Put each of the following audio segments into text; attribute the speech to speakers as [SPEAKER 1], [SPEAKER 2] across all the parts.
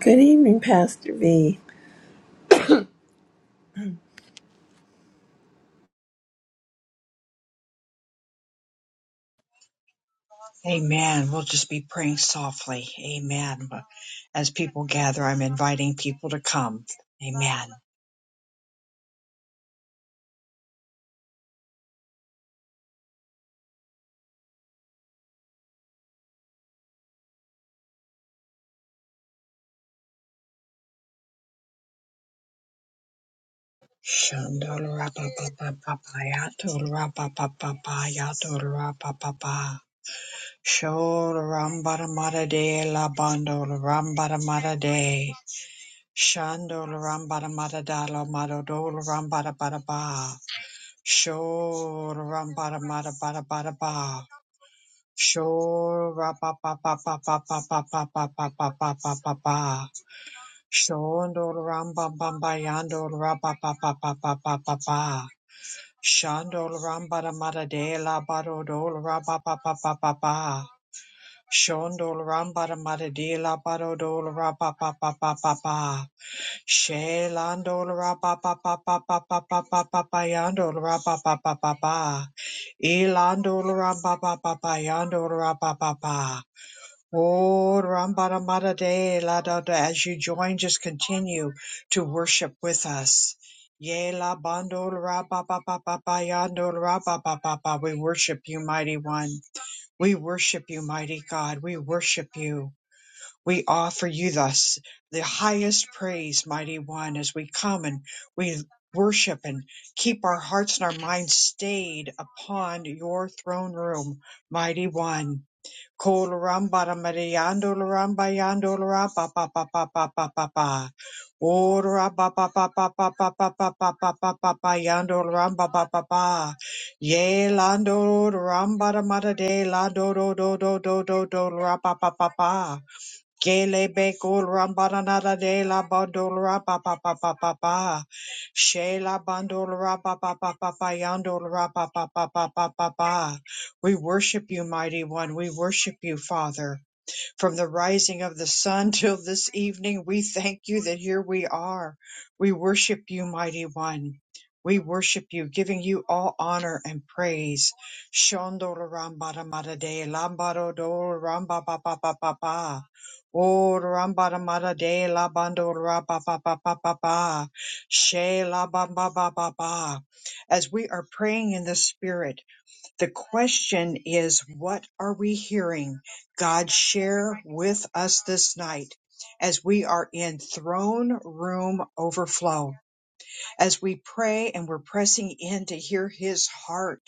[SPEAKER 1] Good evening, Pastor V.
[SPEAKER 2] Amen. We'll just be praying softly. Amen. But As people gather, I'm inviting people to come. Amen. Shandorapapapapapayatolorapapapapayatolorapapapa. Sholorambaramarade labandolorambaramarade. Shandolorambaramadadalomadodolorambarabaraba. Sholorambaramadabarabaraba. Shora pa pa pa pa pa pa pa pa pa pa pa pa pa pa pa. Shondol ramba bamba yandol rapa pa pa pa pa pa pa pa. Shandol ramba da mada de la barodol rapa pa pa pa pa pa. Shondol ramba da mada de la barodol rapa pa pa pa pa pa. Shelandol rapa pa pa pa pa pa pa pa pa pa yandol rapa pa pa pa pa. Elandol ramba pa pa pa yandol rapa pa pa. Oh, Rambaramada de la da da. As you join, just continue to worship with us. Ye la bando ra ba ba ba ba ba yando ra ba ba ba ba. We worship you, mighty one. We worship you, mighty God. We worship you. We offer you thus the highest praise, mighty one, as we come and we worship and keep our hearts and our minds stayed upon your throne room, mighty one. Kolaramba Mariando Laramba Yando Lara pa pa pa pa pa pa pa pa Ora pa pa pa pa pa pa pa pa pa pa pa pa pa Yando Laramba pa pa pa Ye Lando Laramba Mada de La do do do do do do do Lara pa pa pa pa Gelebe kulram banana de la bandolra pa pa pa pa pa pa. She la bandolra pa pa pa pa pa yandolra pa pa pa pa pa pa pa. We worship you, mighty one. We worship you, Father. From the rising of the sun till this evening, we thank you that here we are. We worship you, mighty one. We worship you, giving you all honor and praise. Shondolarambaramada lambarodorambababababa. O Rambadamada de Labandorabababababa. She Labambababa. As we are praying in the spirit, the question is, what are we hearing God share with us this night as we are in throne room overflow? As we pray and we're pressing in to hear his heart,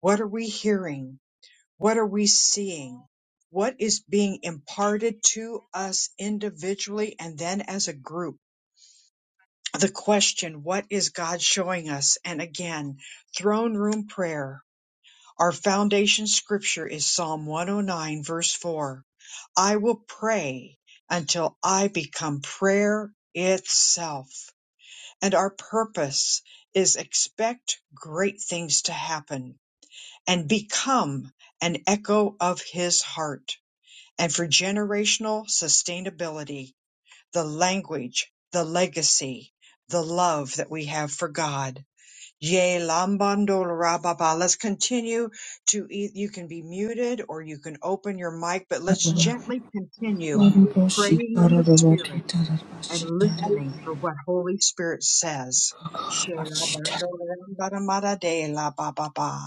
[SPEAKER 2] what are we hearing? What are we seeing? What is being imparted to us individually and then as a group? The question, what is God showing us? And again, throne room prayer our foundation scripture is Psalm 109 verse 4. I will pray until I become prayer itself. And our purpose is expect great things to happen and become an echo of his heart. And for generational sustainability, the language, the legacy, the love that we have for God Jay Lambandorababa. Let's continue to eat. You can be muted or you can open your mic, but let's
[SPEAKER 1] Oh,
[SPEAKER 2] gently continue praying in the Spirit and listening for what Holy Spirit says. Shelabandorambaramadadela-ba-ba-ba.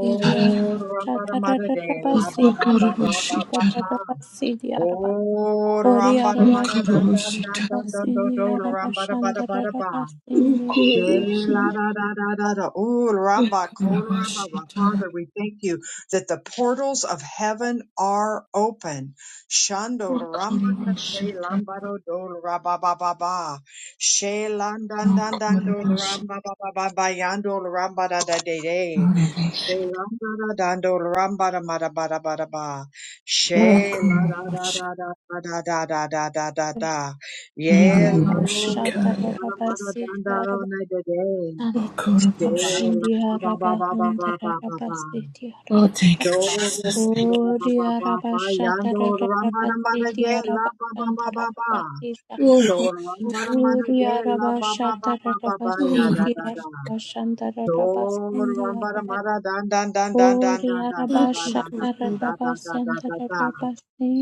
[SPEAKER 3] Idiaraba shatararaba sidiaraba tataraba sidiaraba
[SPEAKER 2] Oh,
[SPEAKER 3] boriaraba shandaraba sidiaraba shandararaba
[SPEAKER 2] Rambaramadadandandandandandandorambarabarabara.
[SPEAKER 3] sidiaraba
[SPEAKER 2] Sha-la-da-da-da-da-da. Ooh, ramba, koraba. Father, we thank you that the portals of heaven are open. Shando ramba kase lambado do raba ba ba ba. She landan dan dan do ramba ba ba ba ba yando ramba da da de de. Dando ramba da ma da ba ba da She la da da da da da da da da da da da. Ye la ro ramba da
[SPEAKER 3] shatararaba
[SPEAKER 2] danda ro
[SPEAKER 3] sidiaraba
[SPEAKER 2] na de de.
[SPEAKER 3] sandaraba
[SPEAKER 2] She la ba
[SPEAKER 3] sidiaraba
[SPEAKER 2] ba ba ba ba ba ba
[SPEAKER 3] hundararaba
[SPEAKER 2] ba.
[SPEAKER 3] sidiaraba
[SPEAKER 1] thank you,
[SPEAKER 2] Do ro
[SPEAKER 1] Jesus. Thank
[SPEAKER 2] ro ba ba ba
[SPEAKER 3] boriaraba
[SPEAKER 2] ba. Yando ramba
[SPEAKER 3] shatararaba
[SPEAKER 2] da de la
[SPEAKER 3] sidiaraba
[SPEAKER 2] ba ba ba ba ba.
[SPEAKER 3] shandararaba sidiaraba
[SPEAKER 1] you. Oh,
[SPEAKER 2] Do ramba da
[SPEAKER 3] Uri
[SPEAKER 2] de la
[SPEAKER 3] araba
[SPEAKER 2] ba ba ba
[SPEAKER 3] shatara
[SPEAKER 2] ba ba
[SPEAKER 3] raba
[SPEAKER 2] ba ya da
[SPEAKER 1] Lord.
[SPEAKER 3] siti
[SPEAKER 2] da da.
[SPEAKER 3] araba shandara raba
[SPEAKER 2] Dor
[SPEAKER 3] sindi
[SPEAKER 2] rambara
[SPEAKER 3] araba.
[SPEAKER 2] mara dan dan dan dan dan
[SPEAKER 3] Uri
[SPEAKER 2] dan dan
[SPEAKER 3] araba
[SPEAKER 1] Oh,
[SPEAKER 2] dan dan dan
[SPEAKER 3] shatara
[SPEAKER 2] dan
[SPEAKER 3] raba
[SPEAKER 2] dan dan dan dan dan
[SPEAKER 3] sandara
[SPEAKER 2] dan.
[SPEAKER 3] raba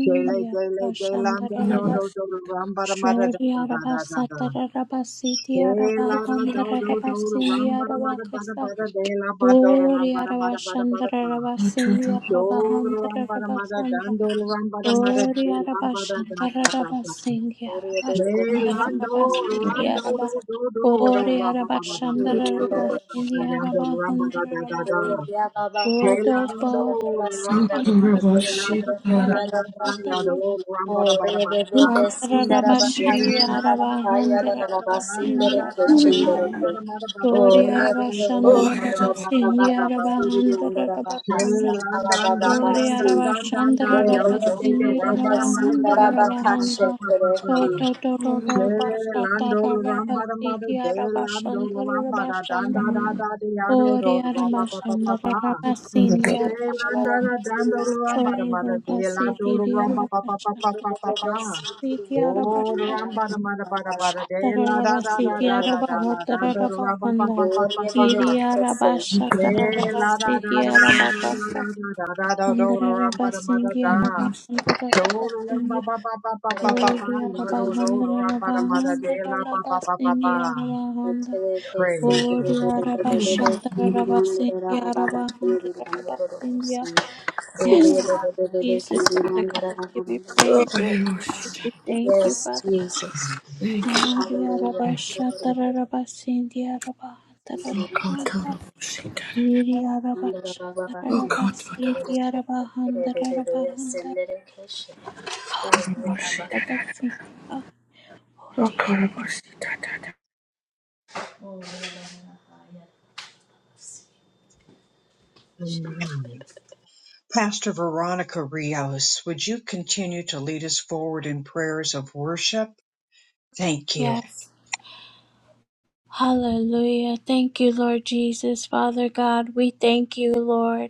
[SPEAKER 2] Shele dele
[SPEAKER 3] araba
[SPEAKER 2] dele
[SPEAKER 3] shandara
[SPEAKER 2] dan do
[SPEAKER 3] raba.
[SPEAKER 1] Lord.
[SPEAKER 2] do do rambara mara dan
[SPEAKER 3] Shori
[SPEAKER 2] dan dan
[SPEAKER 3] araba
[SPEAKER 2] dan dan dan.
[SPEAKER 3] satara raba siti araba
[SPEAKER 2] Shela ra do
[SPEAKER 3] handara
[SPEAKER 2] do
[SPEAKER 3] raba
[SPEAKER 2] do
[SPEAKER 3] sindi
[SPEAKER 2] rambara
[SPEAKER 3] araba
[SPEAKER 2] mara bara
[SPEAKER 3] kasa.
[SPEAKER 2] bara dela ba do
[SPEAKER 3] Uri
[SPEAKER 2] rambara
[SPEAKER 3] araba
[SPEAKER 2] bara bara bara
[SPEAKER 3] shandara
[SPEAKER 2] ba.
[SPEAKER 3] raba sindi
[SPEAKER 1] Otorobo,
[SPEAKER 3] araba
[SPEAKER 2] Shor
[SPEAKER 3] handara
[SPEAKER 2] rambara
[SPEAKER 3] raba
[SPEAKER 2] mara dan
[SPEAKER 3] sanda.
[SPEAKER 2] do rambara mara
[SPEAKER 3] Ori
[SPEAKER 2] dela
[SPEAKER 3] araba
[SPEAKER 2] rambara da
[SPEAKER 3] shandara
[SPEAKER 2] da da
[SPEAKER 3] raba
[SPEAKER 2] da.
[SPEAKER 3] sindi
[SPEAKER 4] Oh, yeah,
[SPEAKER 3] araba
[SPEAKER 4] the the
[SPEAKER 2] Shela
[SPEAKER 3] shandara
[SPEAKER 2] do
[SPEAKER 3] raba
[SPEAKER 2] ran
[SPEAKER 3] sindi
[SPEAKER 2] do
[SPEAKER 3] araba.
[SPEAKER 2] do do do do
[SPEAKER 3] Ori
[SPEAKER 2] rambara
[SPEAKER 3] araba
[SPEAKER 2] bara bara
[SPEAKER 3] shandara
[SPEAKER 2] bara
[SPEAKER 3] raba
[SPEAKER 1] Totorobo
[SPEAKER 3] sindi
[SPEAKER 2] bara
[SPEAKER 3] araba
[SPEAKER 2] bara rambara
[SPEAKER 3] hundara
[SPEAKER 2] da da
[SPEAKER 3] raba
[SPEAKER 2] da.
[SPEAKER 3] hindi.
[SPEAKER 2] Shela
[SPEAKER 3] Rodo
[SPEAKER 2] dando
[SPEAKER 3] ba
[SPEAKER 2] ramba
[SPEAKER 3] shandara
[SPEAKER 2] mada de
[SPEAKER 1] otorobo,
[SPEAKER 3] raba
[SPEAKER 2] da
[SPEAKER 3] sindi
[SPEAKER 1] shitara,
[SPEAKER 3] araba
[SPEAKER 2] dan dan dan
[SPEAKER 3] shandara
[SPEAKER 2] ya do
[SPEAKER 3] raba.
[SPEAKER 2] ramba da bada
[SPEAKER 1] uka,
[SPEAKER 2] bada.
[SPEAKER 3] Shandara raba sindi
[SPEAKER 2] Shela
[SPEAKER 3] araba
[SPEAKER 2] dando da dan
[SPEAKER 3] hundara
[SPEAKER 2] da da
[SPEAKER 3] raba
[SPEAKER 2] dan da
[SPEAKER 3] sindi
[SPEAKER 2] da dan
[SPEAKER 3] araba.
[SPEAKER 2] do ramba da mada bada
[SPEAKER 3] Ori
[SPEAKER 2] de la
[SPEAKER 3] araba
[SPEAKER 2] da do
[SPEAKER 3] shandara
[SPEAKER 2] ramba
[SPEAKER 3] raba
[SPEAKER 1] oyedaba,
[SPEAKER 3] sindi
[SPEAKER 2] da bada
[SPEAKER 3] araba
[SPEAKER 2] bada.
[SPEAKER 3] hundara raba shandara.
[SPEAKER 2] Shela dan dan dan
[SPEAKER 3] Ori
[SPEAKER 2] dan
[SPEAKER 4] the
[SPEAKER 3] araba
[SPEAKER 2] dan dan da
[SPEAKER 3] shandara
[SPEAKER 2] ya
[SPEAKER 3] raba
[SPEAKER 1] oraba,
[SPEAKER 2] do
[SPEAKER 3] sindi
[SPEAKER 4] the
[SPEAKER 2] ramba da
[SPEAKER 3] araba
[SPEAKER 2] mada
[SPEAKER 3] handara
[SPEAKER 2] bada
[SPEAKER 4] Sandara
[SPEAKER 2] da
[SPEAKER 3] raba
[SPEAKER 2] ba ba
[SPEAKER 4] Bakashe
[SPEAKER 3] handa. To
[SPEAKER 4] Kereki.
[SPEAKER 3] to to to to
[SPEAKER 1] oraba,
[SPEAKER 2] Shela
[SPEAKER 3] basa
[SPEAKER 2] dando
[SPEAKER 3] tara raba
[SPEAKER 2] ramba da mada
[SPEAKER 3] siki
[SPEAKER 2] de
[SPEAKER 3] araba
[SPEAKER 2] la do
[SPEAKER 3] shandara
[SPEAKER 2] ramba
[SPEAKER 3] raba
[SPEAKER 2] da dan
[SPEAKER 3] shanda.
[SPEAKER 2] da da da ya do do
[SPEAKER 3] Ori araba
[SPEAKER 2] ramba ba ba ba
[SPEAKER 3] shandara raba sindi
[SPEAKER 1] Totorobo
[SPEAKER 3] araba basa.
[SPEAKER 2] Shelandara dandara ramba da
[SPEAKER 3] Shori
[SPEAKER 2] mada
[SPEAKER 3] raba
[SPEAKER 2] de la
[SPEAKER 3] siki
[SPEAKER 2] dora
[SPEAKER 3] ri
[SPEAKER 2] ramba pa
[SPEAKER 3] araba
[SPEAKER 2] pa pa
[SPEAKER 3] shanda.
[SPEAKER 2] pa pa pa pa.
[SPEAKER 3] Siki araba
[SPEAKER 2] Oh
[SPEAKER 3] shata.
[SPEAKER 2] ramba da mada bada bada de
[SPEAKER 3] Shatara
[SPEAKER 2] la da
[SPEAKER 3] raba
[SPEAKER 2] da da
[SPEAKER 3] siki
[SPEAKER 2] da da
[SPEAKER 3] araba
[SPEAKER 2] da da
[SPEAKER 3] hatara
[SPEAKER 2] dandara
[SPEAKER 3] raba
[SPEAKER 2] ramba pa pa
[SPEAKER 3] handa.
[SPEAKER 2] pa pa pa.
[SPEAKER 3] Iri araba
[SPEAKER 1] uka,
[SPEAKER 3] shatara raba
[SPEAKER 2] Shela da da
[SPEAKER 3] siki
[SPEAKER 2] da da da
[SPEAKER 3] araba
[SPEAKER 2] da
[SPEAKER 3] kasa.
[SPEAKER 2] da da da da da
[SPEAKER 3] Andhra
[SPEAKER 2] dora ramba
[SPEAKER 3] Rabba
[SPEAKER 2] da mada da.
[SPEAKER 3] Sindhya Rabba Andhra Rabba
[SPEAKER 2] Shola ramba
[SPEAKER 3] Sindhya
[SPEAKER 2] pa pa pa pa pa pa pa.
[SPEAKER 3] Oriya Rabba
[SPEAKER 2] Yodo dora
[SPEAKER 3] Andhra
[SPEAKER 2] ramba
[SPEAKER 3] Rabba
[SPEAKER 2] da mada de la
[SPEAKER 3] Andhra
[SPEAKER 2] pa
[SPEAKER 3] Rabba
[SPEAKER 2] pa pa pa pa.
[SPEAKER 3] Sindhya Rabba Andhra
[SPEAKER 2] Praise you, my
[SPEAKER 3] Oriya
[SPEAKER 2] Lord.
[SPEAKER 3] Rabba Shandra Rabba Sindhya Rabba Andhra Rabba Sindhya Yes, Jesus, Father God, we give you praise, Lord
[SPEAKER 1] oyero,
[SPEAKER 3] Jesus.
[SPEAKER 1] shitara.
[SPEAKER 3] We thank you,
[SPEAKER 4] Yes,
[SPEAKER 3] Father.
[SPEAKER 4] Jesus.
[SPEAKER 1] Thank you,
[SPEAKER 3] Oriya
[SPEAKER 4] Hallelujah.
[SPEAKER 3] Rabba
[SPEAKER 1] thank you.
[SPEAKER 3] Shandra Rabba Sindhya Rabba Andhra Rabba Andhra
[SPEAKER 1] Okotorobo, shitara,
[SPEAKER 3] Iriya Rabba Shandra Rabba
[SPEAKER 1] okototoro,
[SPEAKER 3] Sindhya Rabba Andhra Rabba Andhra
[SPEAKER 1] orobo,
[SPEAKER 3] Oh
[SPEAKER 1] shitara,
[SPEAKER 3] dear.
[SPEAKER 1] okorobo, shitara,
[SPEAKER 2] Amen. Pastor Veronica Rios, would you continue to lead us forward?
[SPEAKER 3] Yes. Hallelujah. Thank you, Lord Jesus. Father God, we thank you, Lord.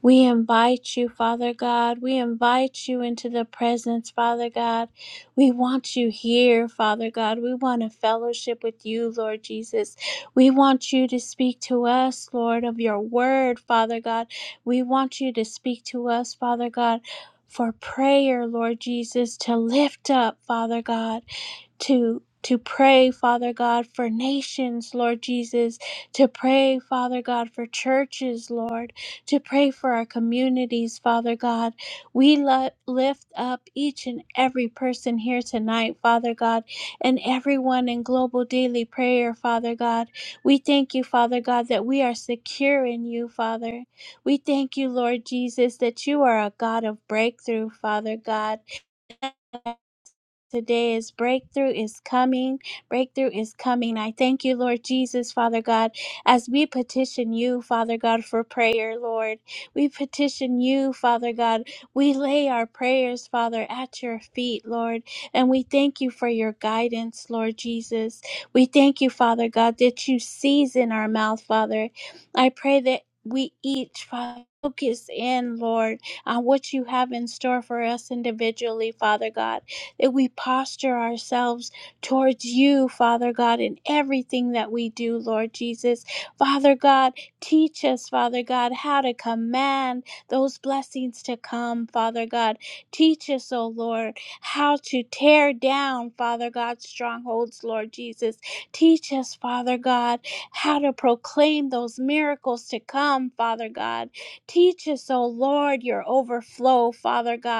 [SPEAKER 3] We invite you, Father God. We invite you into the presence, Father God. We want you here, Father God. We want a fellowship with you, Lord Jesus. We want you to speak to us, Lord, of your word, Father God. We want you to speak to us, Father God, for prayer, Lord Jesus, to lift up, Father God to to pray, Father God, for nations, Lord Jesus, to pray, Father God, for churches, Lord to pray for our communities, Father God. We lo- lift up each and every person here tonight, Father God, and everyone in global daily prayer, Father God. We thank you, Father God, that we are secure in you, Father. We thank you, Lord Jesus, that you are a God of breakthrough, Father God. Today is breakthrough is coming. Breakthrough is coming. I thank you, Lord Jesus, Father God, as we petition you, Father God, for prayer, Lord. We petition you, Father God. We lay our prayers, Father, at your feet, Lord. And we thank you for your guidance, Lord Jesus. We thank you, Father God, that you season our mouth, Father. I pray that we each, Father, focus in, Lord, on what you have in store for us individually, Father God that we posture ourselves towards you, Father God, in everything that we do, Lord Jesus. Father God, teach us, Father God, how to command those blessings to come, Father God. Teach us, O Lord, how to tear down, Father God, strongholds, Lord Jesus. Teach us, Father God, how to proclaim those miracles to come, Father God. Teach us, O Lord, your overflow, Father God.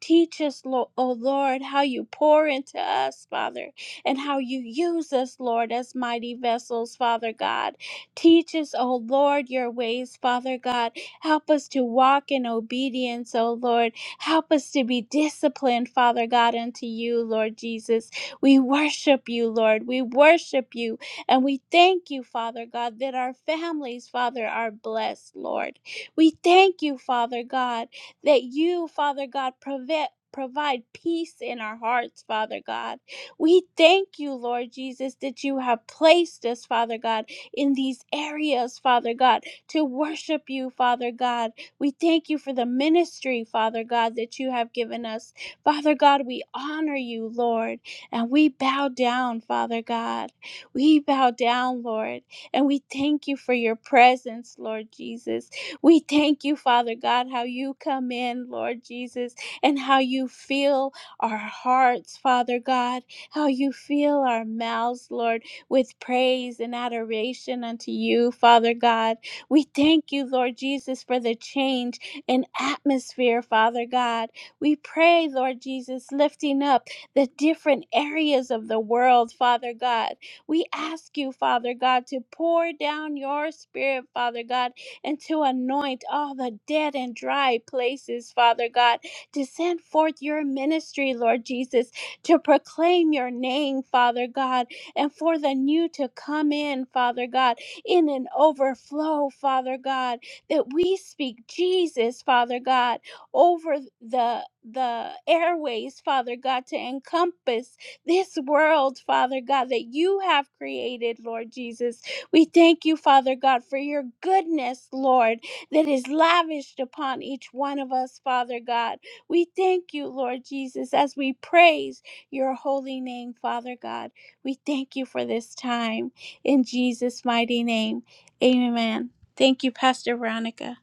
[SPEAKER 3] Teach us, Lo- oh Lord, how you pour into us, Father, and how you use us, Lord, as mighty vessels, Father God. Teach us, oh Lord, your ways, Father God. Help us to walk in obedience, oh Lord. Help us to be disciplined, Father God, unto you, Lord Jesus. We worship you, Lord. We worship you. And we thank you, Father God, that our families, Father, are blessed, Lord. We thank you, Father God that you, Father God, prevent Provide peace in our hearts, Father God. We thank you, Lord Jesus, that you have placed us, Father God, in these areas, Father God, to worship you, Father God. We thank you for the ministry, Father God, that you have given us. Father God, we honor you, Lord, and we bow down, Father God. We bow down, Lord, and we thank you for your presence, Lord Jesus. We thank you, Father God, how you come in, Lord Jesus, and how you fill our hearts, Father God, how you fill our mouths, Lord, with praise and adoration unto you, Father God. We thank you, Lord Jesus, for the change in atmosphere, Father God. We pray, Lord Jesus, lifting up the different areas of the world, Father God. We ask you, Father God, to pour down your spirit, Father God, and to anoint all the dead and dry places, Father God, to send forth your ministry, Lord Jesus, to proclaim your name, Father God, and for the new to come in, Father God, in an overflow, Father God, that we speak Jesus, Father God, over the the airways, Father God, to encompass this world, Father God, that you have created, Lord Jesus, we thank you, Father God, for your goodness, Lord, that is lavished upon each one of us, Father God. We thank you, Lord Jesus, as we praise your holy name, Father God. We thank you for this time. In Jesus' mighty name, amen. Thank you, Pastor Veronica.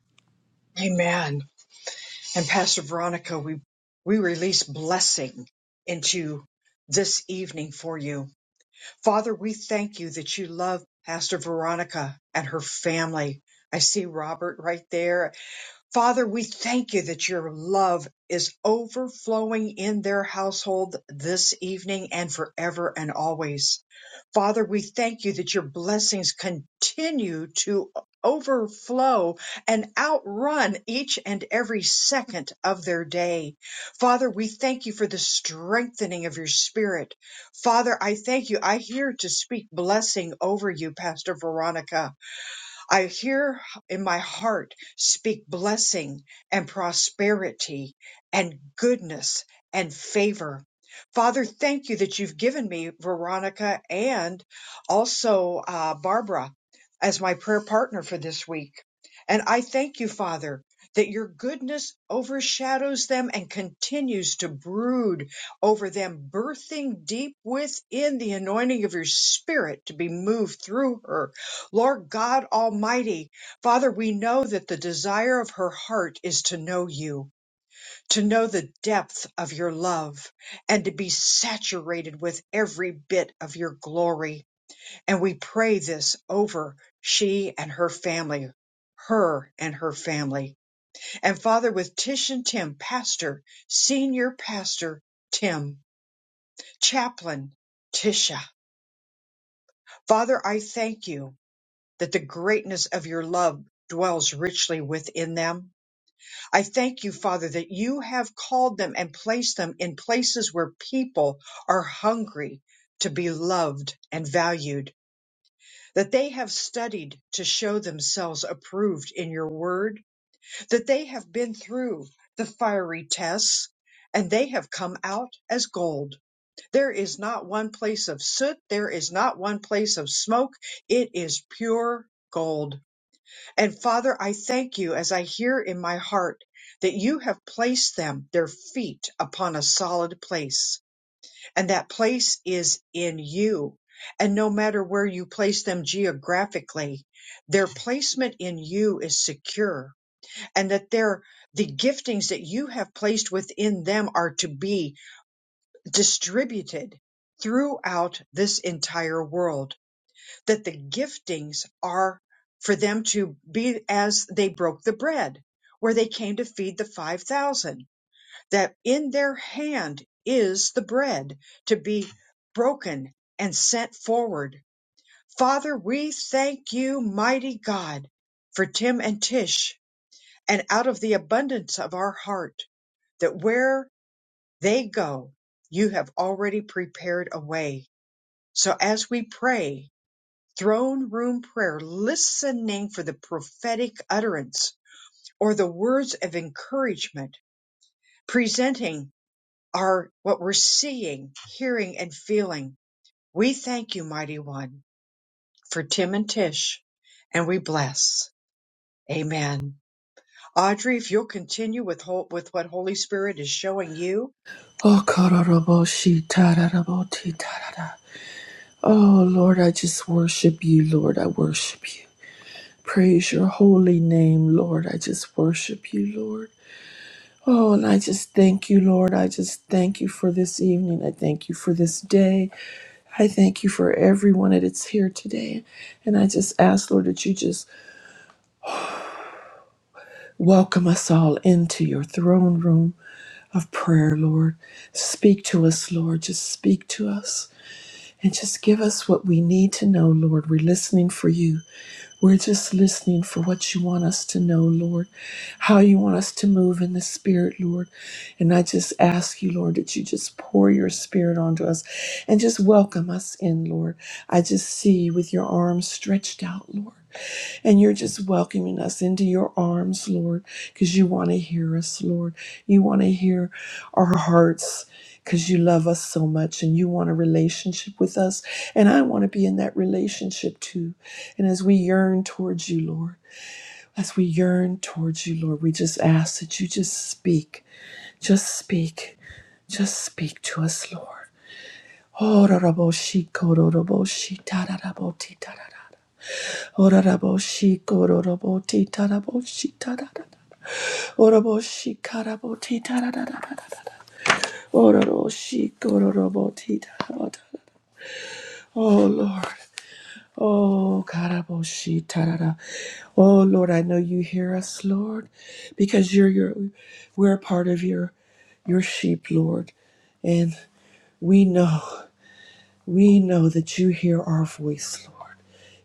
[SPEAKER 2] Amen. And Pastor Veronica, we, we release blessing into this evening for you. Father, we thank you. that you love Pastor Veronica and her life. I see her right there Father, we thank you that your love is overflowing in their household this evening and forever and always. Father, we thank you that your blessings continue to overflow and outrun each and every second of their day. Father, we thank you for the strengthening of your spirit. Father, I thank you. I hear to speak blessing over you, Pastor Veronica. I hear in my heart speak blessing and prosperity and goodness and favor. Father, thank you that you've given me Veronica and also uh, Barbara as my prayer partner for this week. And I thank you, Father, that your goodness overshadows them and continues to brood over them, birthing deep within the anointing of your spirit to be moved through her Lord God Almighty, Father, we know that the desire of her heart is to know you, to know the depth of your love, and to be saturated with every bit of your glory. And we pray this over she and her family, her and her family. And Father, with Tish and Tim, pastor, senior pastor Tim, chaplain Tisha, Father, I thank you. that the greatness of your love dwells richly within them. I thank you, Father, that you have called them and placed them in places where people are hungry to be loved and valued, that they have studied to show themselves approved in your word, that they have been through the fiery tests and they have come out as gold. There is not one place of soot. There is not one place of smoke. It is pure gold and Father, I thank you as I hear in my heart that you have placed them, their feet, upon a solid place. And that place is in you. And no matter where you place them geographically, their placement in you is secure. And that their the giftings that you have placed within them are to be distributed throughout this entire world that the giftings are for them to be as they broke the bread, where they came to feed the 5,000, that in their hand is the bread to be broken and sent forward. Father, we thank you, mighty God, for Tim and Tish, and out of the abundance of our heart, that where they go, you have already prepared a way. So as we pray, throne room prayer, listening for the prophetic utterance or the words of encouragement, presenting our what we're seeing, hearing, and feeling. We thank you, mighty one, for Tim and Tish, and we bless. Amen. Audrey, if you'll continue with hol- with what Holy Spirit is showing you.
[SPEAKER 1] okorobo, shitara, robo, titara. Oh Lord, I just worship you, Lord, I worship you. Praise your holy name, Lord. I just worship you, Lord. Oh, and I just thank you, Lord. I just thank you for this evening. I thank you for this day. I thank you for everyone that is here today. And I just ask, Lord, that you just welcome us all into your throne room of prayer, Lord. Speak to us, Lord. Just speak to us. And just give us what we need to know, Lord. We're listening for you. We're just listening for what you want us to know, Lord, how you want us to move in the Spirit, Lord. And I just ask you, Lord, that you just pour your Spirit onto us and just welcome us in, Lord. I just see you with your arms stretched out, Lord. And you're just welcoming us into your arms, Lord, because you want to hear us, Lord. You want to hear our hearts because you love us so much and you want a relationship with us. And I want to be in that relationship too. And as we yearn towards you, Lord, as we yearn towards you, Lord, we just ask that you just speak, just speak, just speak to us, Lord. Horaraboshi kororoboshi tararaboti tararara. Horaraboshi kororoboti taraboshi tararara. Oraboshi karaboti tararara. Ororoshi kororoboti tararara. Oh Lord. Oh karaboshi tarara. Oh Lord, I know you hear us, Lord, because you're your we're a part of your your sheep, Lord. And we know. We know that you hear our voice, Lord.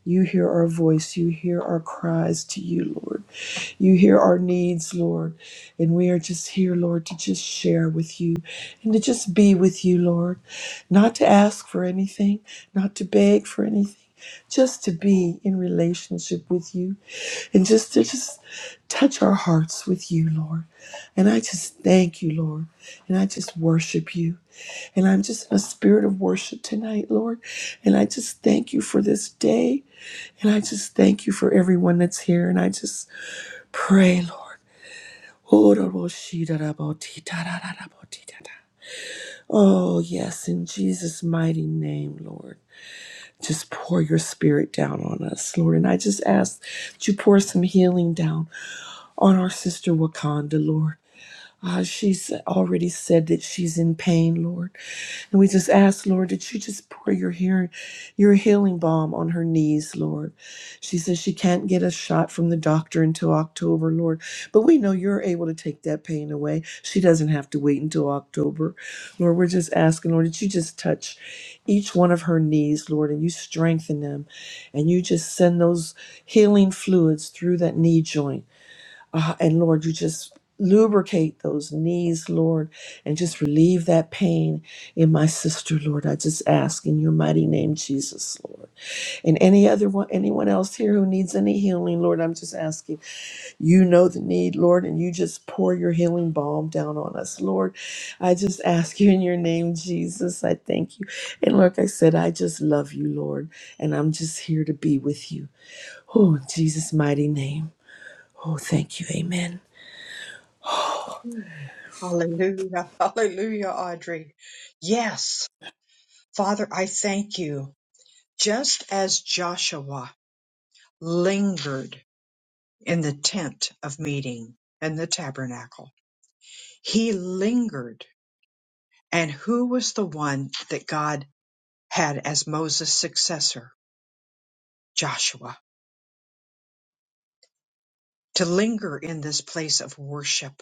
[SPEAKER 1] You hear our voice. You hear our cries to you, Lord. You hear our needs, Lord. And we are just here, Lord, to just share with you and to just be with you, Lord. Not to ask for anything, not to beg for anything. Just to be in relationship with you and just to just touch our hearts with you, Lord. And I just thank you, Lord. And I just worship you. And I'm just in a spirit of worship tonight, Lord. And I just thank you for this day. And I just thank you for everyone that's here. And I just pray, Lord. Oh, yes, in Jesus' mighty name, Lord. Just pour your spirit down on us, Lord. And I just ask that you pour some healing down on our sister Wakanda, Lord. Uh, she's already said that she's in pain, Lord. And we just ask, Lord, that you just pour your hearing, your healing balm on her knees, Lord. She says she can't get a shot from the doctor until October, Lord. But we know you're able to take that pain away. She doesn't have to wait until October. Lord, we're just asking, Lord, that you just touch each one of her knees, Lord, and you strengthen them. And you just send those healing fluids through that knee joint. Uh, and Lord, you just lubricate those knees, Lord, and just relieve that pain in my sister, Lord. I just ask in your mighty name, Jesus, Lord. And any other one, anyone else here who needs any healing, Lord, I'm just asking you know the need, Lord, and you just pour your healing balm down on us, Lord. I just ask you in your name, Jesus. I thank you. And like I said, I just love you, Lord, and I'm just here to be with you. Oh, in Jesus' mighty name. Oh, thank you. Amen.
[SPEAKER 2] Hallelujah. Hallelujah, Audrey. Yes, Father, I thank you. Just as Joshua lingered in the tent of meeting and the tabernacle. He lingered. And who was the one that God had as Moses' successor? Joshua. To linger in this place of worship,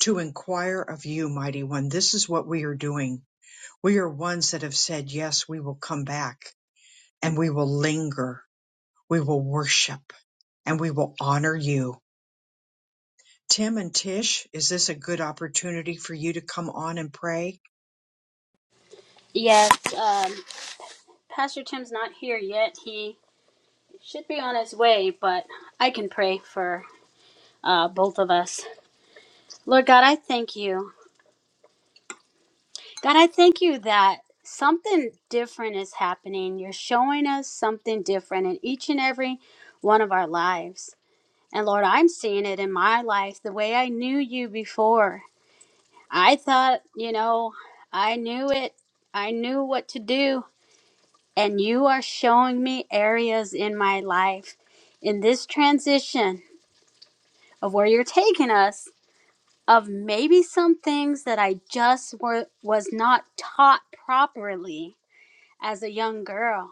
[SPEAKER 2] to inquire of you, mighty one. This is what we are doing. We are ones that have said, yes, we will come back and we will linger. We will worship and we will honor you. Tim and Tish, is this a good opportunity for you to come on and pray?
[SPEAKER 4] Yes, um, Pastor Tim's not here yet. He should be on his way, but I can pray for uh, both of us. Lord God, I thank you. God, I thank you that something different is happening. You're showing us something different in each and every one of our lives. And Lord, I'm seeing it in my life the way I knew you before. I thought, you know, I knew it, I knew what to do. And you are showing me areas in my life in this transition of where you're taking us, of maybe some things that I just were, was not taught properly as a young girl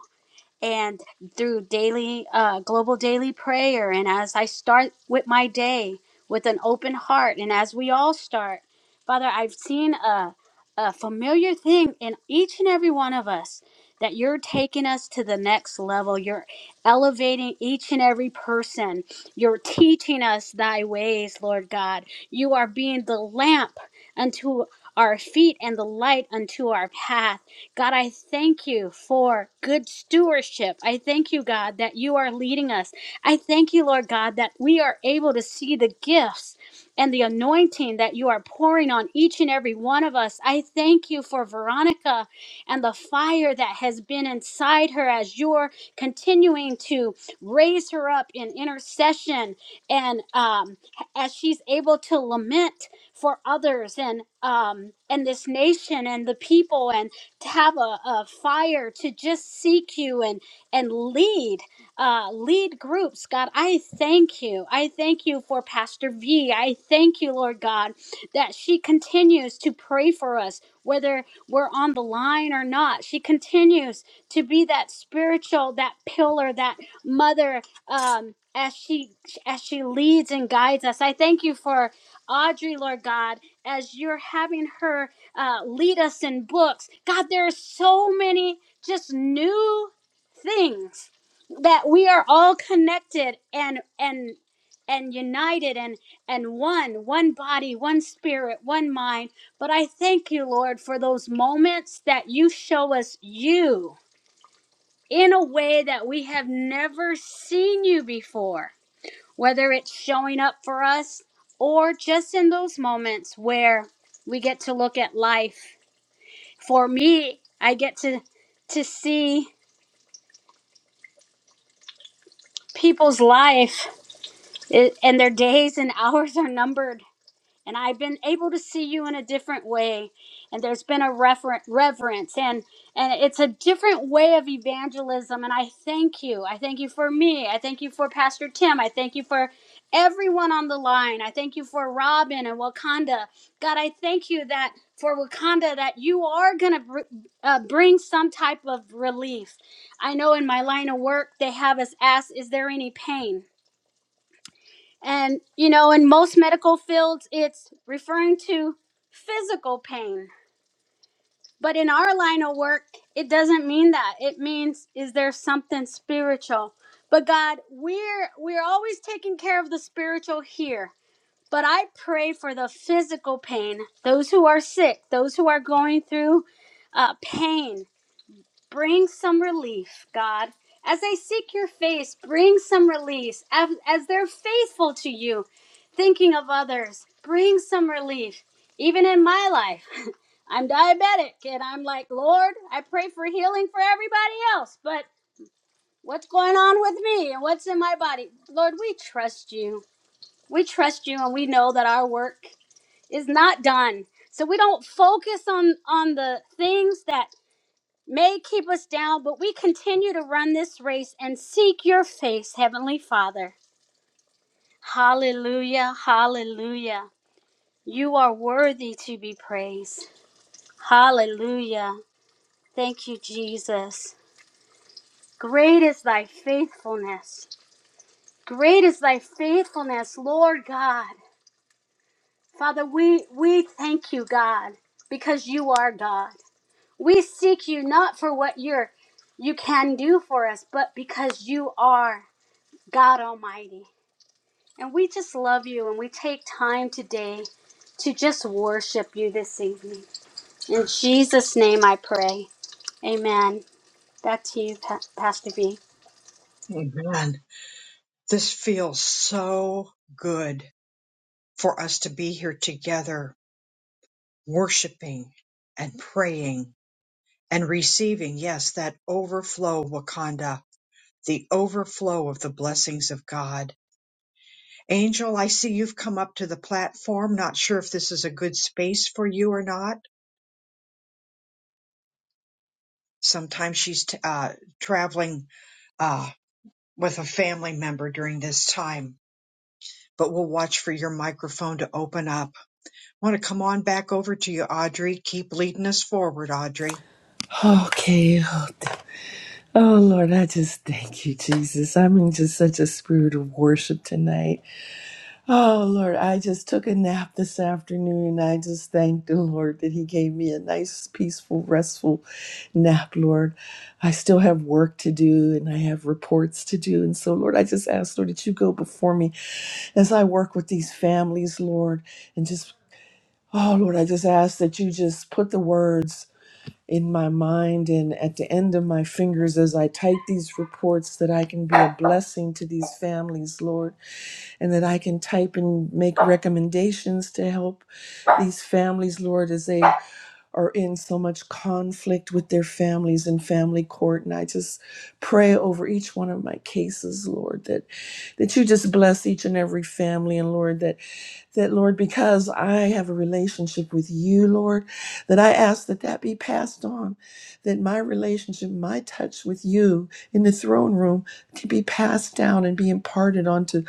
[SPEAKER 4] and through daily uh, global daily prayer and as i start with my day with an open heart and as we all start father i've seen a, a familiar thing in each and every one of us that you're taking us to the next level you're elevating each and every person you're teaching us thy ways lord god you are being the lamp unto our feet and the light unto our path God, I thank you for good stewardship. I thank you, God, that you are leading us. I thank you, Lord God, that we are able to see the gifts and the anointing that you are pouring on each and every one of us. I thank you for Veronica and the fire that has been inside her as you're continuing to raise her up in intercession and um, as she's able to lament for others and um, and this nation and the people and to have a, a fire to just seek you and and lead uh, lead groups god i thank you i thank you for pastor v i thank you lord god that she continues to pray for us whether we're on the line or not she continues to be that spiritual that pillar that mother um, as she as she leads and guides us i thank you for audrey lord god as you're having her uh, lead us in books. God, there are so many just new things that we are all connected and and and united and and one one body one spirit one mind but i thank you lord for those moments that you show us you in a way that we have never seen you before whether it's showing up for us or just in those moments where we get to look at life for me, I get to to see people's life i- and their days and hours are numbered and I've been able to see you in a different way. And there's been a refer- reverence, and and it's a different way of evangelism. And I thank you. I thank you for me. I thank you for Pastor Tim. I thank you for everyone on the line. I thank you for Robin and Wakanda. God, I thank you that for Wakanda that you are gonna br- uh, bring some type of relief. I know in my line of work they have us ask, "Is there any pain?" And, you know, in most medical fields, it's referring to physical pain. But in our line of work, it doesn't mean that. It means, is there something spiritual? But God, we're we're always taking care of the spiritual here. But I pray for the physical pain, those who are sick, those who are going through uh, pain, Bring some relief, God. As they seek your face, bring some release. As, as they're faithful to you, thinking of others, bring some relief. Even in my life, I'm diabetic and I'm like, Lord, I pray for healing for everybody else, but what's going on with me and what's in my body? Lord, we trust you. We trust you and we know that our work is not done. So we don't focus on on the things that may keep us down, but we continue to run this race and seek your face, Heavenly Father. Hallelujah, hallelujah. You are worthy to be praised. Hallelujah. Thank you, Jesus. Great is thy faithfulness. Great is thy faithfulness, Lord God. Father, we, we thank you, God, because you are God. We seek you not for what you're you can do for us, but because you are. God Almighty. And we just love you and we take time today to just worship you this evening. In Jesus' name I pray. Amen. Back to you, Pa- Pastor V.
[SPEAKER 2] Oh, Man, this feels so good for us to be here together, worshiping and praying and receiving, yes, that overflow, Wakanda, the overflow of the blessings of God. Angel, I see you've come up to the platform. Not sure if this is a good space for you or not. Sometimes she's t- uh, traveling uh, with a family member during this time, but we'll watch for your microphone to open up. want to come on back over to you, Audrey. Keep leading us forward, Audrey.
[SPEAKER 1] Okay. Oh, th- oh, Lord, I just thank you, Jesus. I'm in just such a spirit of worship tonight. Oh, Lord, I just took a nap this afternoon and I just thank the Lord that He gave me a nice, peaceful, restful nap, Lord. I still have work to do and I have reports to do. And so, Lord, I just ask, Lord, that you go before me as I work with these families, Lord, and just, oh, Lord, I just ask that you just put the words in my mind and at the end of my fingers as I type these reports that I can be a blessing to these families, Lord, and that I can type and make recommendations to help these families, Lord, as they are in so much conflict with their families and family court. And I just pray over each one of my cases, Lord, that that you just bless each and every family and Lord that that Lord because I have a relationship with you Lord that I ask that that be passed on that my relationship my touch with you in the throne room can be passed down and be imparted onto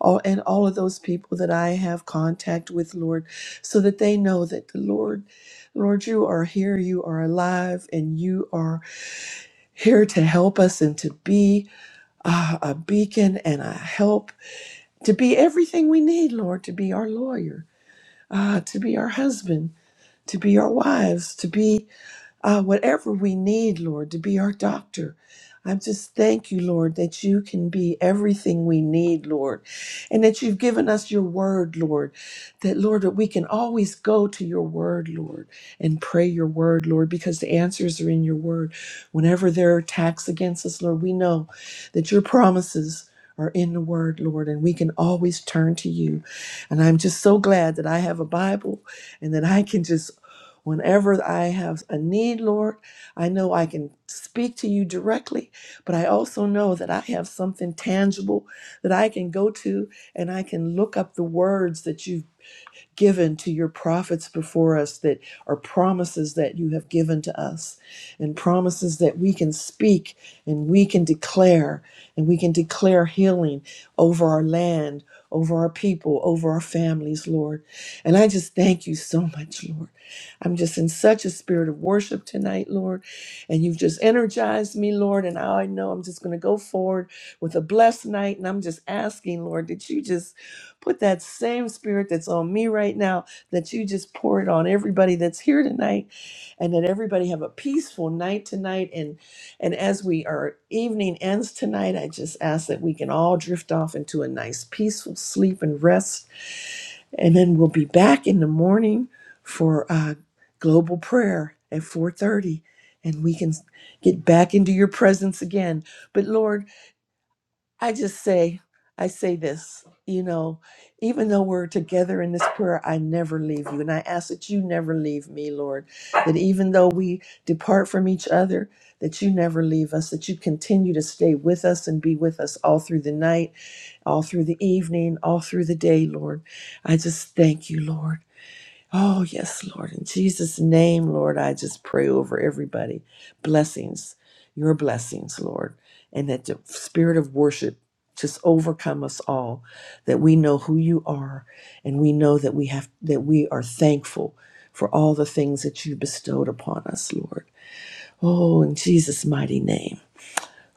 [SPEAKER 1] all and all of those people that I have contact with Lord so that they know that the Lord Lord, you are here, you are alive, and you are here to help us and to be uh, a beacon and a help, to be everything we need, Lord, to be our lawyer, uh, to be our husband, to be our wives, to be uh, whatever we need, Lord, to be our doctor. I just thank you, Lord, that you can be everything we need, Lord, and that you've given us your word, Lord, that, Lord, that we can always go to your word, Lord, and pray your word, Lord, because the answers are in your word. Whenever there are attacks against us, Lord, we know that your promises are in the word, Lord, and we can always turn to you. And I'm just so glad that I have a Bible and that I can just Whenever I have a need, Lord, I know I can speak to you directly, but I also know that I have something tangible that I can go to and I can look up the words that you've given to your prophets before us that are promises that you have given to us and promises that we can speak and we can declare and we can declare healing over our land, over our people, over our families, Lord. And I just thank you so much, Lord. I'm just in such a spirit of worship tonight, Lord. And you've just energized me, Lord. And I know I'm just going to go forward with a blessed night. And I'm just asking, Lord, that you just Put that same spirit that's on me right now that you just pour it on everybody that's here tonight, and that everybody have a peaceful night tonight. And and as we our evening ends tonight, I just ask that we can all drift off into a nice peaceful sleep and rest, and then we'll be back in the morning for uh, global prayer at four thirty, and we can get back into your presence again. But Lord. I just say, I say this, you know, even though we're together in this prayer, I never leave you. And I ask that you never leave me, Lord, that even though we depart from each other, that you never leave us, that you continue to stay with us and be with us all through the night, all through the evening, all through the day, Lord. I just thank you, Lord. Oh, yes, Lord. In Jesus' name, Lord, I just pray over everybody. Blessings, your blessings, Lord. And that the spirit of worship just overcome us all, that we know who you are and we know that we have that we are thankful for all the things that you bestowed upon us, Lord. Oh, in Jesus' mighty name.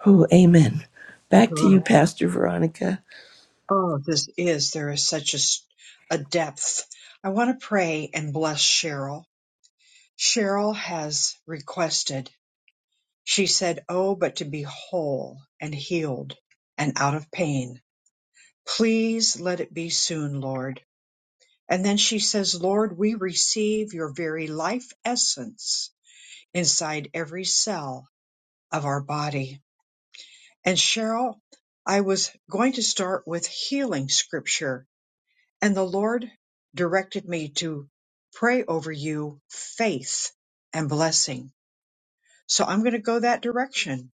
[SPEAKER 1] Oh, amen. Back to you, Pastor Veronica.
[SPEAKER 2] Oh, this is, there is such a, s- a depth. I want to pray and bless Cheryl. Cheryl has requested, she said, Oh, but to be whole and healed and out of pain. Please let it be soon, Lord. And then she says, Lord, we receive your very life essence inside every cell of our body. And Cheryl, I was going to start with healing scripture, and the Lord directed me to pray over you faith and blessing. So I'm going to go that direction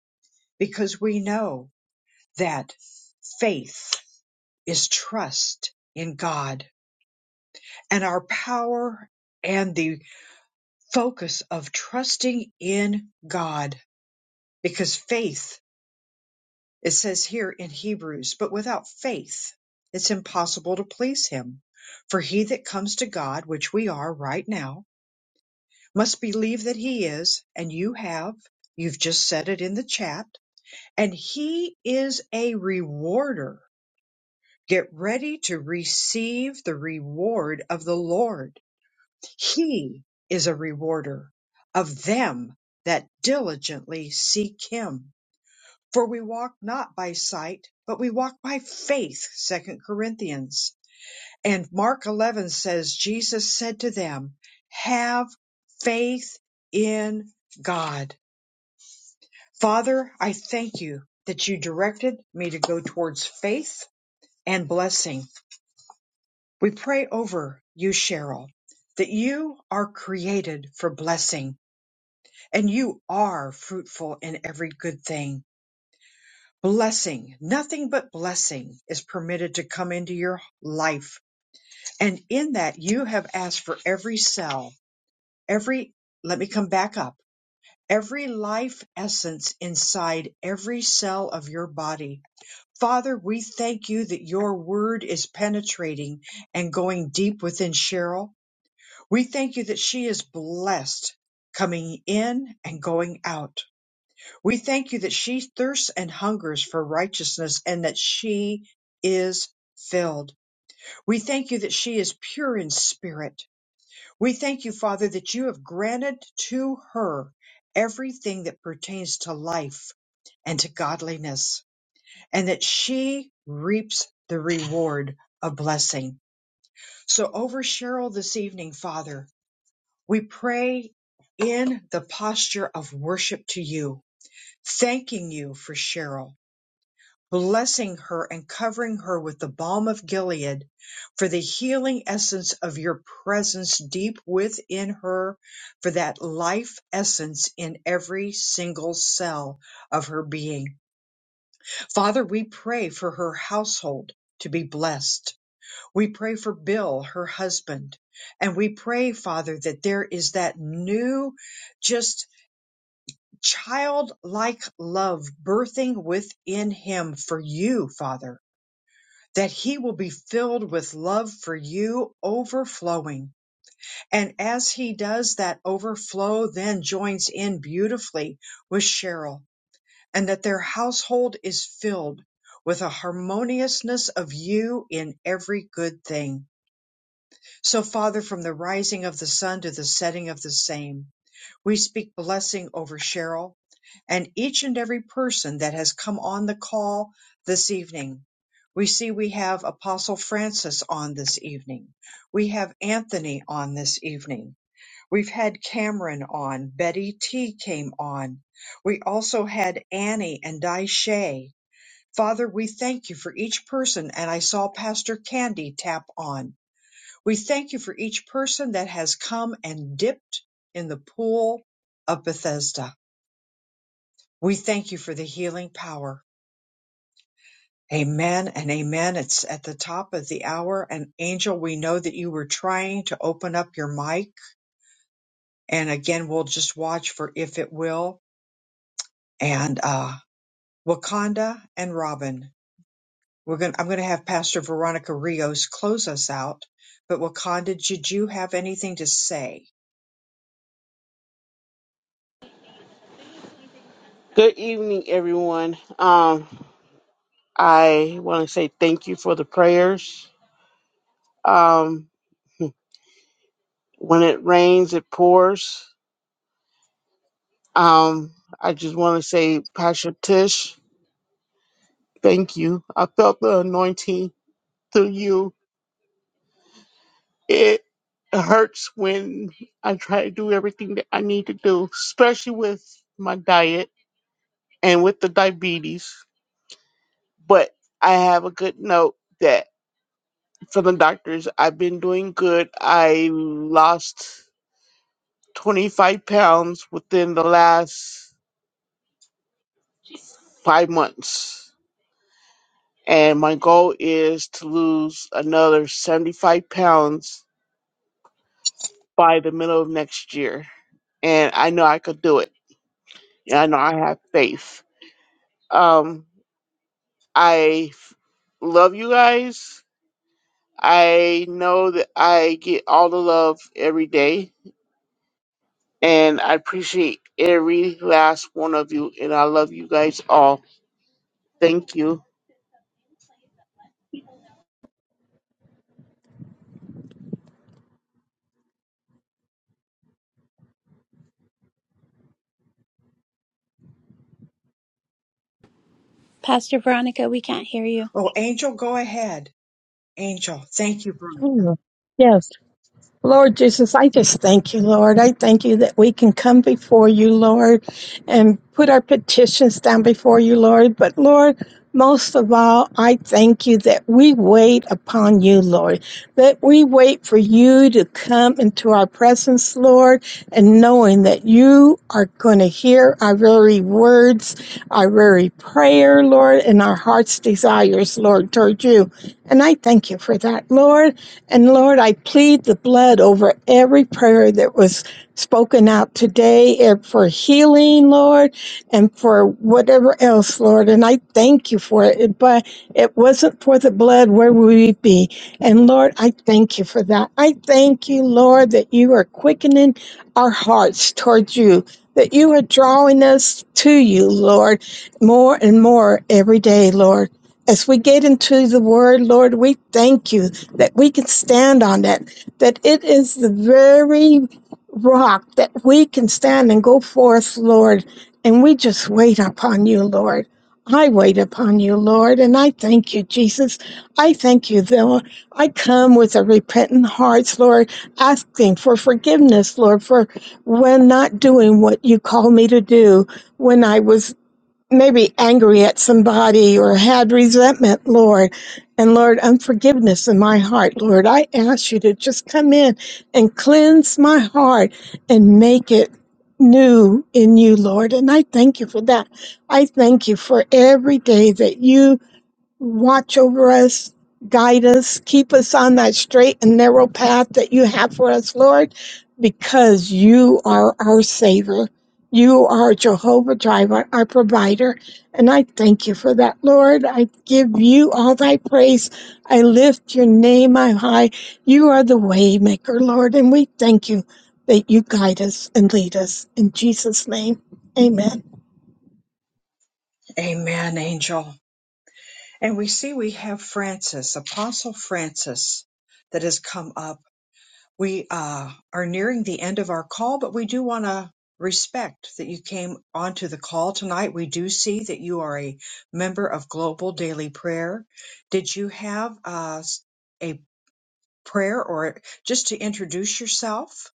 [SPEAKER 2] because we know that faith is trust in God and our power and the focus of trusting in God because faith It says here in Hebrews, but without faith, it's impossible to please him. For he that comes to God, which we are right now, must believe that he is, and you have, you've just said it in the chat, and he is a rewarder. Get ready to receive the reward of the Lord. He is a rewarder of them that diligently seek him. For we walk not by sight, but we walk by faith. Second Corinthians. And Mark 11 says, Jesus said to them, Have faith in God. Father, I thank you that you directed me to go towards faith and blessing. We pray over you, Cheryl, that you are created for blessing and you are fruitful in every good thing. Blessing, nothing but blessing is permitted to come into your life. And in that, you have asked for every cell, every, let me come back up, every life essence inside every cell of your body. Father, we thank you that your word is penetrating and going deep within Cheryl. We thank you that she is blessed coming in and going out. We thank you that she thirsts and hungers for righteousness and that she is filled. We thank you that she is pure in spirit. We thank you, Father, that you have granted to her everything that pertains to life and to godliness and that she reaps the reward of blessing. So over Cheryl this evening, Father, we pray in the posture of worship to you, thanking you for Cheryl blessing her and covering her with the balm of Gilead, for the healing essence of your presence deep within her, for that life essence in every single cell of her being. Father, we pray for her household to be blessed. We pray for Bill, her husband. And we pray, Father, that there is that new, just childlike love birthing within him for you, Father that he will be filled with love for you overflowing. And as he does that overflow then joins in beautifully with Cheryl and that their household is filled with a harmoniousness of you in every good thing. So Father, from the rising of the sun to the setting of the same, we speak blessing over Cheryl and each and every person that has come on the call this evening. We see we have Apostle Francis on this evening. We have Anthony on this evening. We've had Cameron on. Betty T came on. We also had Annie and Di Shay. Father, we thank you for each person, and I saw Pastor Candy tap on. We thank you for each person that has come and dipped in the pool of Bethesda. We thank you for the healing power. Amen and amen. It's at the top of the hour. And Angel, we know that you were trying to open up your mic. And again, we'll just watch for if it will. And uh, Wakanda and Robin. We're going to I'm gonna have Pastor Veronica Rios close us out. But Wakanda, did you have anything to say?
[SPEAKER 5] Good evening, everyone. Um, I want to say thank you for the prayers. Um, when it rains, it pours. Um, I just want to say, Pastor Tish, thank you. I felt the anointing through you. It hurts when I try to do everything that I need to do, especially with my diet and with the diabetes. But I have a good note that from the doctors, I've been doing good. I lost 25 pounds within the last five months. And my goal is to lose another 75 pounds by the middle of next year. And I know I could do it. And I know I have faith. Um, I f- love you guys. I know that I get all the love every day. And I appreciate every last one of you. And I love you guys all. Thank you.
[SPEAKER 3] Pastor Veronica, we can't hear you.
[SPEAKER 2] Oh, Angel, go ahead. Angel, thank you, brother.
[SPEAKER 6] Mm, Yes. Lord Jesus, I just thank you, Lord. I thank you that we can come before you, Lord, and put our petitions down before you, Lord. But Lord, most of all, I thank you that we wait upon you, Lord, that we wait for you to come into our presence, Lord, and knowing that you are going to hear our very words, our very prayer, Lord, and our heart's desires, Lord, toward you. And I thank you for that, Lord. And Lord, I plead the blood over every prayer that was spoken out today and for healing, Lord, and for whatever else, Lord. And I thank you for it. But it wasn't for the blood, where would we be? And Lord, I thank you for that. I thank you, Lord, that you are quickening our hearts towards you, that you are drawing us to you, Lord, more and more every day, Lord. As we get into the word, Lord, we thank you that we can stand on that, that it is the very rock that we can stand and go forth, Lord. And we just wait upon you, Lord. I wait upon you, Lord, and I thank you, Jesus. I thank you, though. I come with a repentant heart, Lord, asking for forgiveness, Lord, for when not doing what you called me to do, when I was maybe angry at somebody or had resentment, Lord. And Lord, unforgiveness in my heart, Lord. I ask you to just come in and cleanse my heart and make it new in you, Lord. And I thank you for that. I thank you for every day that you watch over us, guide us, keep us on that straight and narrow path that you have for us, Lord, because you are our Savior. You are Jehovah Jireh, our provider. And I thank you for that, Lord. I give you all thy praise. I lift your name on high. You are the way maker, Lord. And we thank you that you guide us and lead us. In Jesus' name, amen.
[SPEAKER 2] Amen, Angel. And we see we have Francis, Apostle Francis, that has come up. We uh, are nearing the end of our call, but we do want to respect that you came onto the call tonight. We do see that you are a member of Global Daily Prayer. Did you have uh, a prayer or just to introduce yourself?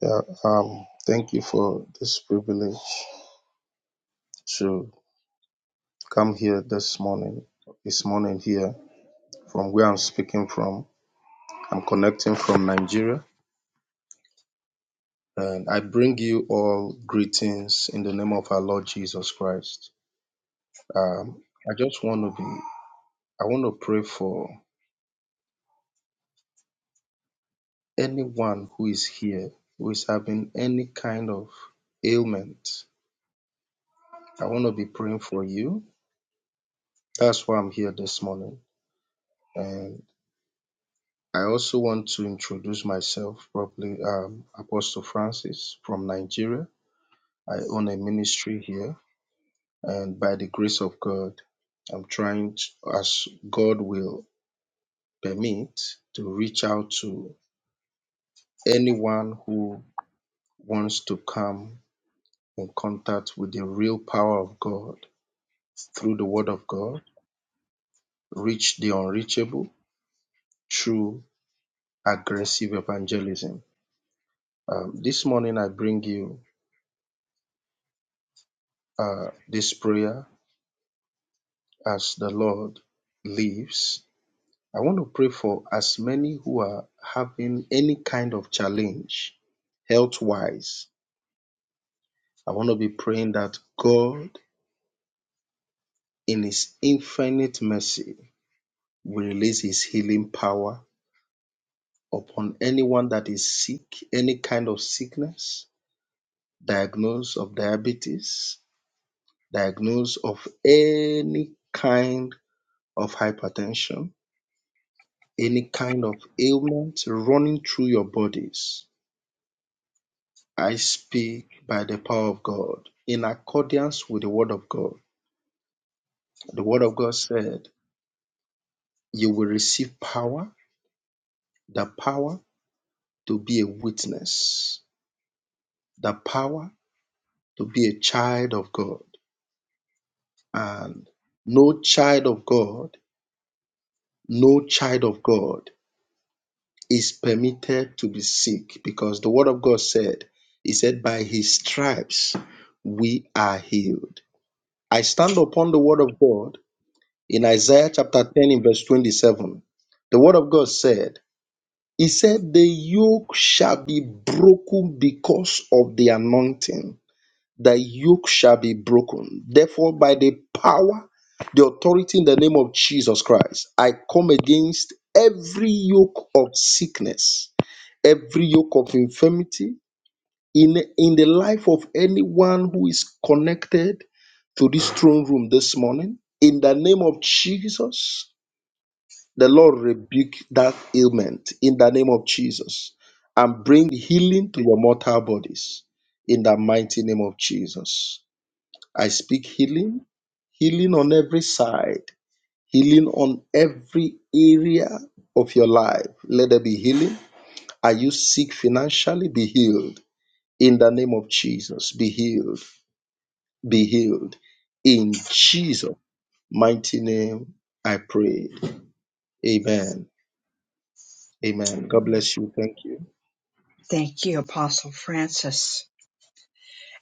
[SPEAKER 7] Yeah, um, thank you for this privilege to come here this morning, this morning here from where I'm speaking from. I'm connecting from Nigeria and I bring you all greetings in the name of our Lord Jesus Christ. Um, I just want to be, I want to pray for anyone who is here who is having any kind of ailment. I want to be praying for you. That's why I'm here this morning. And i also want to introduce myself properly um apostle francis from nigeria i own a ministry here and by the grace of god i'm trying to, as god will permit to reach out to anyone who wants to come in contact with the real power of god through the word of god reach the unreachable through aggressive evangelism um, this morning i bring you uh, this prayer as the Lord lives. I want to pray for as many who are having any kind of challenge health wise. I want to be praying that God, in His infinite mercy, will release His healing power upon anyone that is sick, any kind of sickness, diagnosed of diabetes, diagnosed of any kind of hypertension, any kind of ailment running through your bodies I speak by the power of God in accordance with the word of God. The word of God said, You will receive power, the power to be a witness, the power to be a child of God. And no child of God, no child of God is permitted to be sick because the word of God said, He said, By His stripes we are healed. I stand upon the word of God In Isaiah chapter 10, in verse 27, the word of God said, He said, The yoke shall be broken because of the anointing. The yoke shall be broken. Therefore, by the power, the authority in the name of Jesus Christ, I come against every yoke of sickness every yoke of infirmity in in the life of anyone who is connected to this throne room this morning in the name of jesus the Lord rebuke that ailment in the name of Jesus and bring healing to your mortal bodies in the mighty name of Jesus. I speak healing, healing on every side, healing on every area of your life. Let there be healing. Are you sick financially? Be healed in the name of Jesus. Be healed. Be healed in Jesus' mighty name. I pray. Amen. Amen. God bless you. Thank you.
[SPEAKER 2] Thank you, Apostle Francis.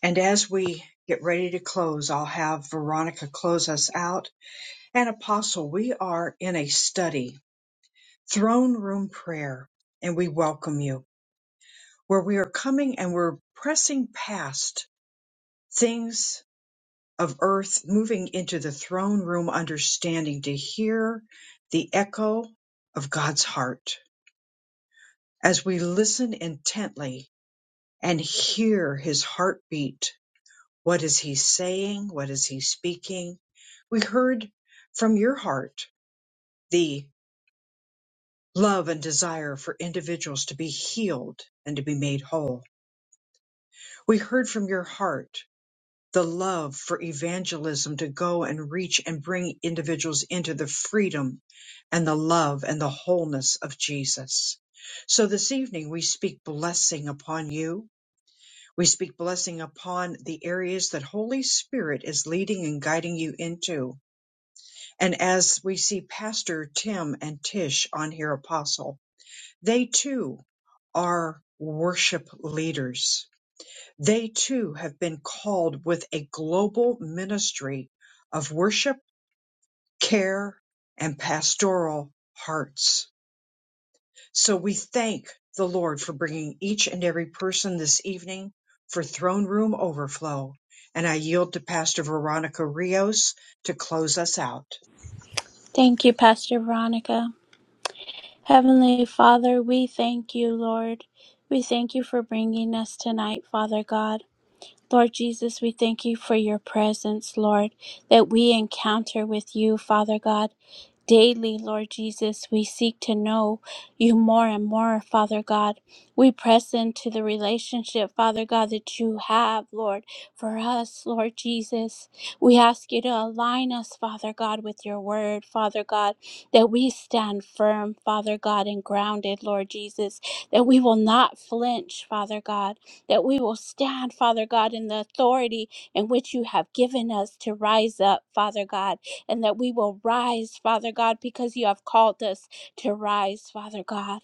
[SPEAKER 2] And as we get ready to close, I'll have Veronica close us out And Apostle, we are in a study, throne room prayer, and we welcome you where we are coming and we're pressing past things of earth, moving into the throne room understanding to hear the echo of God's heart as we listen intently and hear his heartbeat. What is he saying? What is he speaking? We heard from your heart, the. love and desire for individuals to be healed and to be made whole. We heard from your heart the love for evangelism to go and reach and bring individuals into the freedom and the love and the wholeness of Jesus. So this evening we speak blessing upon you. We speak blessing upon the areas that Holy Spirit is leading and guiding you into. And as we see Pastor Tim and Tish on here, Apostle, they too are worship leaders. They too have been called with a global ministry of worship, care, and pastoral hearts. So we thank the Lord for bringing each and every person this evening for throne room overflow. And I yield to Pastor Veronica Rios to close us out.
[SPEAKER 3] Thank you, Pastor Veronica. Heavenly Father, we thank you, Lord. We thank you for bringing us tonight, Father God. Lord Jesus, we thank you for your presence, Lord, that we encounter with you, Father God. Daily, Lord Jesus, we seek to know you more and more, Father God. We press into the relationship, Father God, that you have, Lord, for us, Lord Jesus. We ask you to align us, Father God, with your word, Father God, that we stand firm, Father God, and grounded, Lord Jesus, that we will not flinch, Father God that we will stand, Father God, in the authority in which you have given us to rise up, Father God, and that we will rise, Father God, because you have called us to rise, Father God.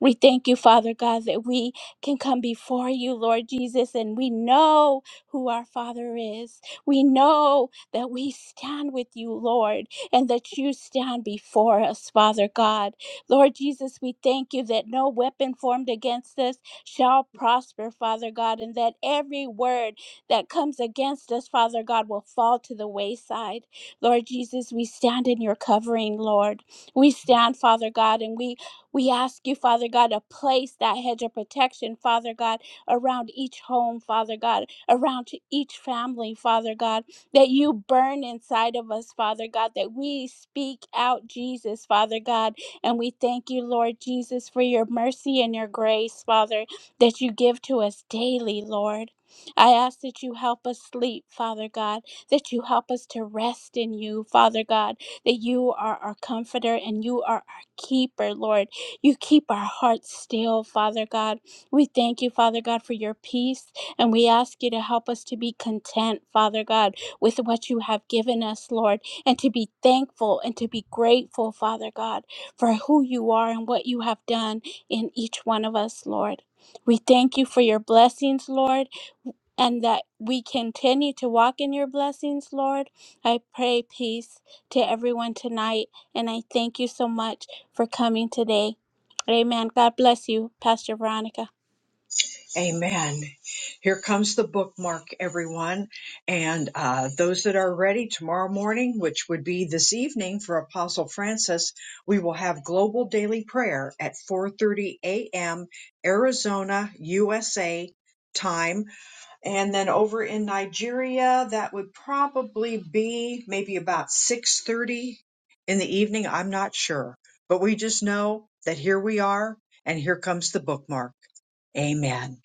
[SPEAKER 3] We thank you, Father God, that we can come before you, Lord Jesus, and we know who our Father is. We know that we stand with you, Lord, and that you stand before us, Father God. Lord Jesus, we thank you that no weapon formed against us shall prosper, Father God, and that every word that comes against us, Father God, will fall to the wayside. Lord Jesus, we stand in your covering, Lord. We stand, Father God, and we we ask you, Father God, to place that hedge of protection, Father God, around each home, Father God, around each family, Father God, that you burn inside of us, Father God, that we speak out Jesus, Father God. And we thank you, Lord Jesus, for your mercy and your grace, Father, that you give to us daily, Lord. I ask that you help us sleep, Father God, that you help us to rest in you, Father God, that you are our comforter and you are our keeper, Lord you keep our hearts still, Father God. We thank you, Father God, for your peace, and we ask you to help us to be content, Father God, with what you have given us, Lord, and to be thankful and to be grateful, Father God, for who you are and what you have done in each one of us, Lord. We thank you for your blessings, Lord and that we continue to walk in your blessings, Lord. I pray peace to everyone tonight, and I thank you so much for coming today. Amen. God bless you, Pastor Veronica.
[SPEAKER 2] Amen. Here comes the bookmark, everyone. And uh, those that are ready tomorrow morning, which would be this evening for Apostle Francis, we will have global daily prayer at 4:30 a.m. Arizona, USA time. And then over in Nigeria, that would probably be maybe about 6:30 in the evening. I'm not sure, but we just know that here we are, and here comes the bookmark. Amen.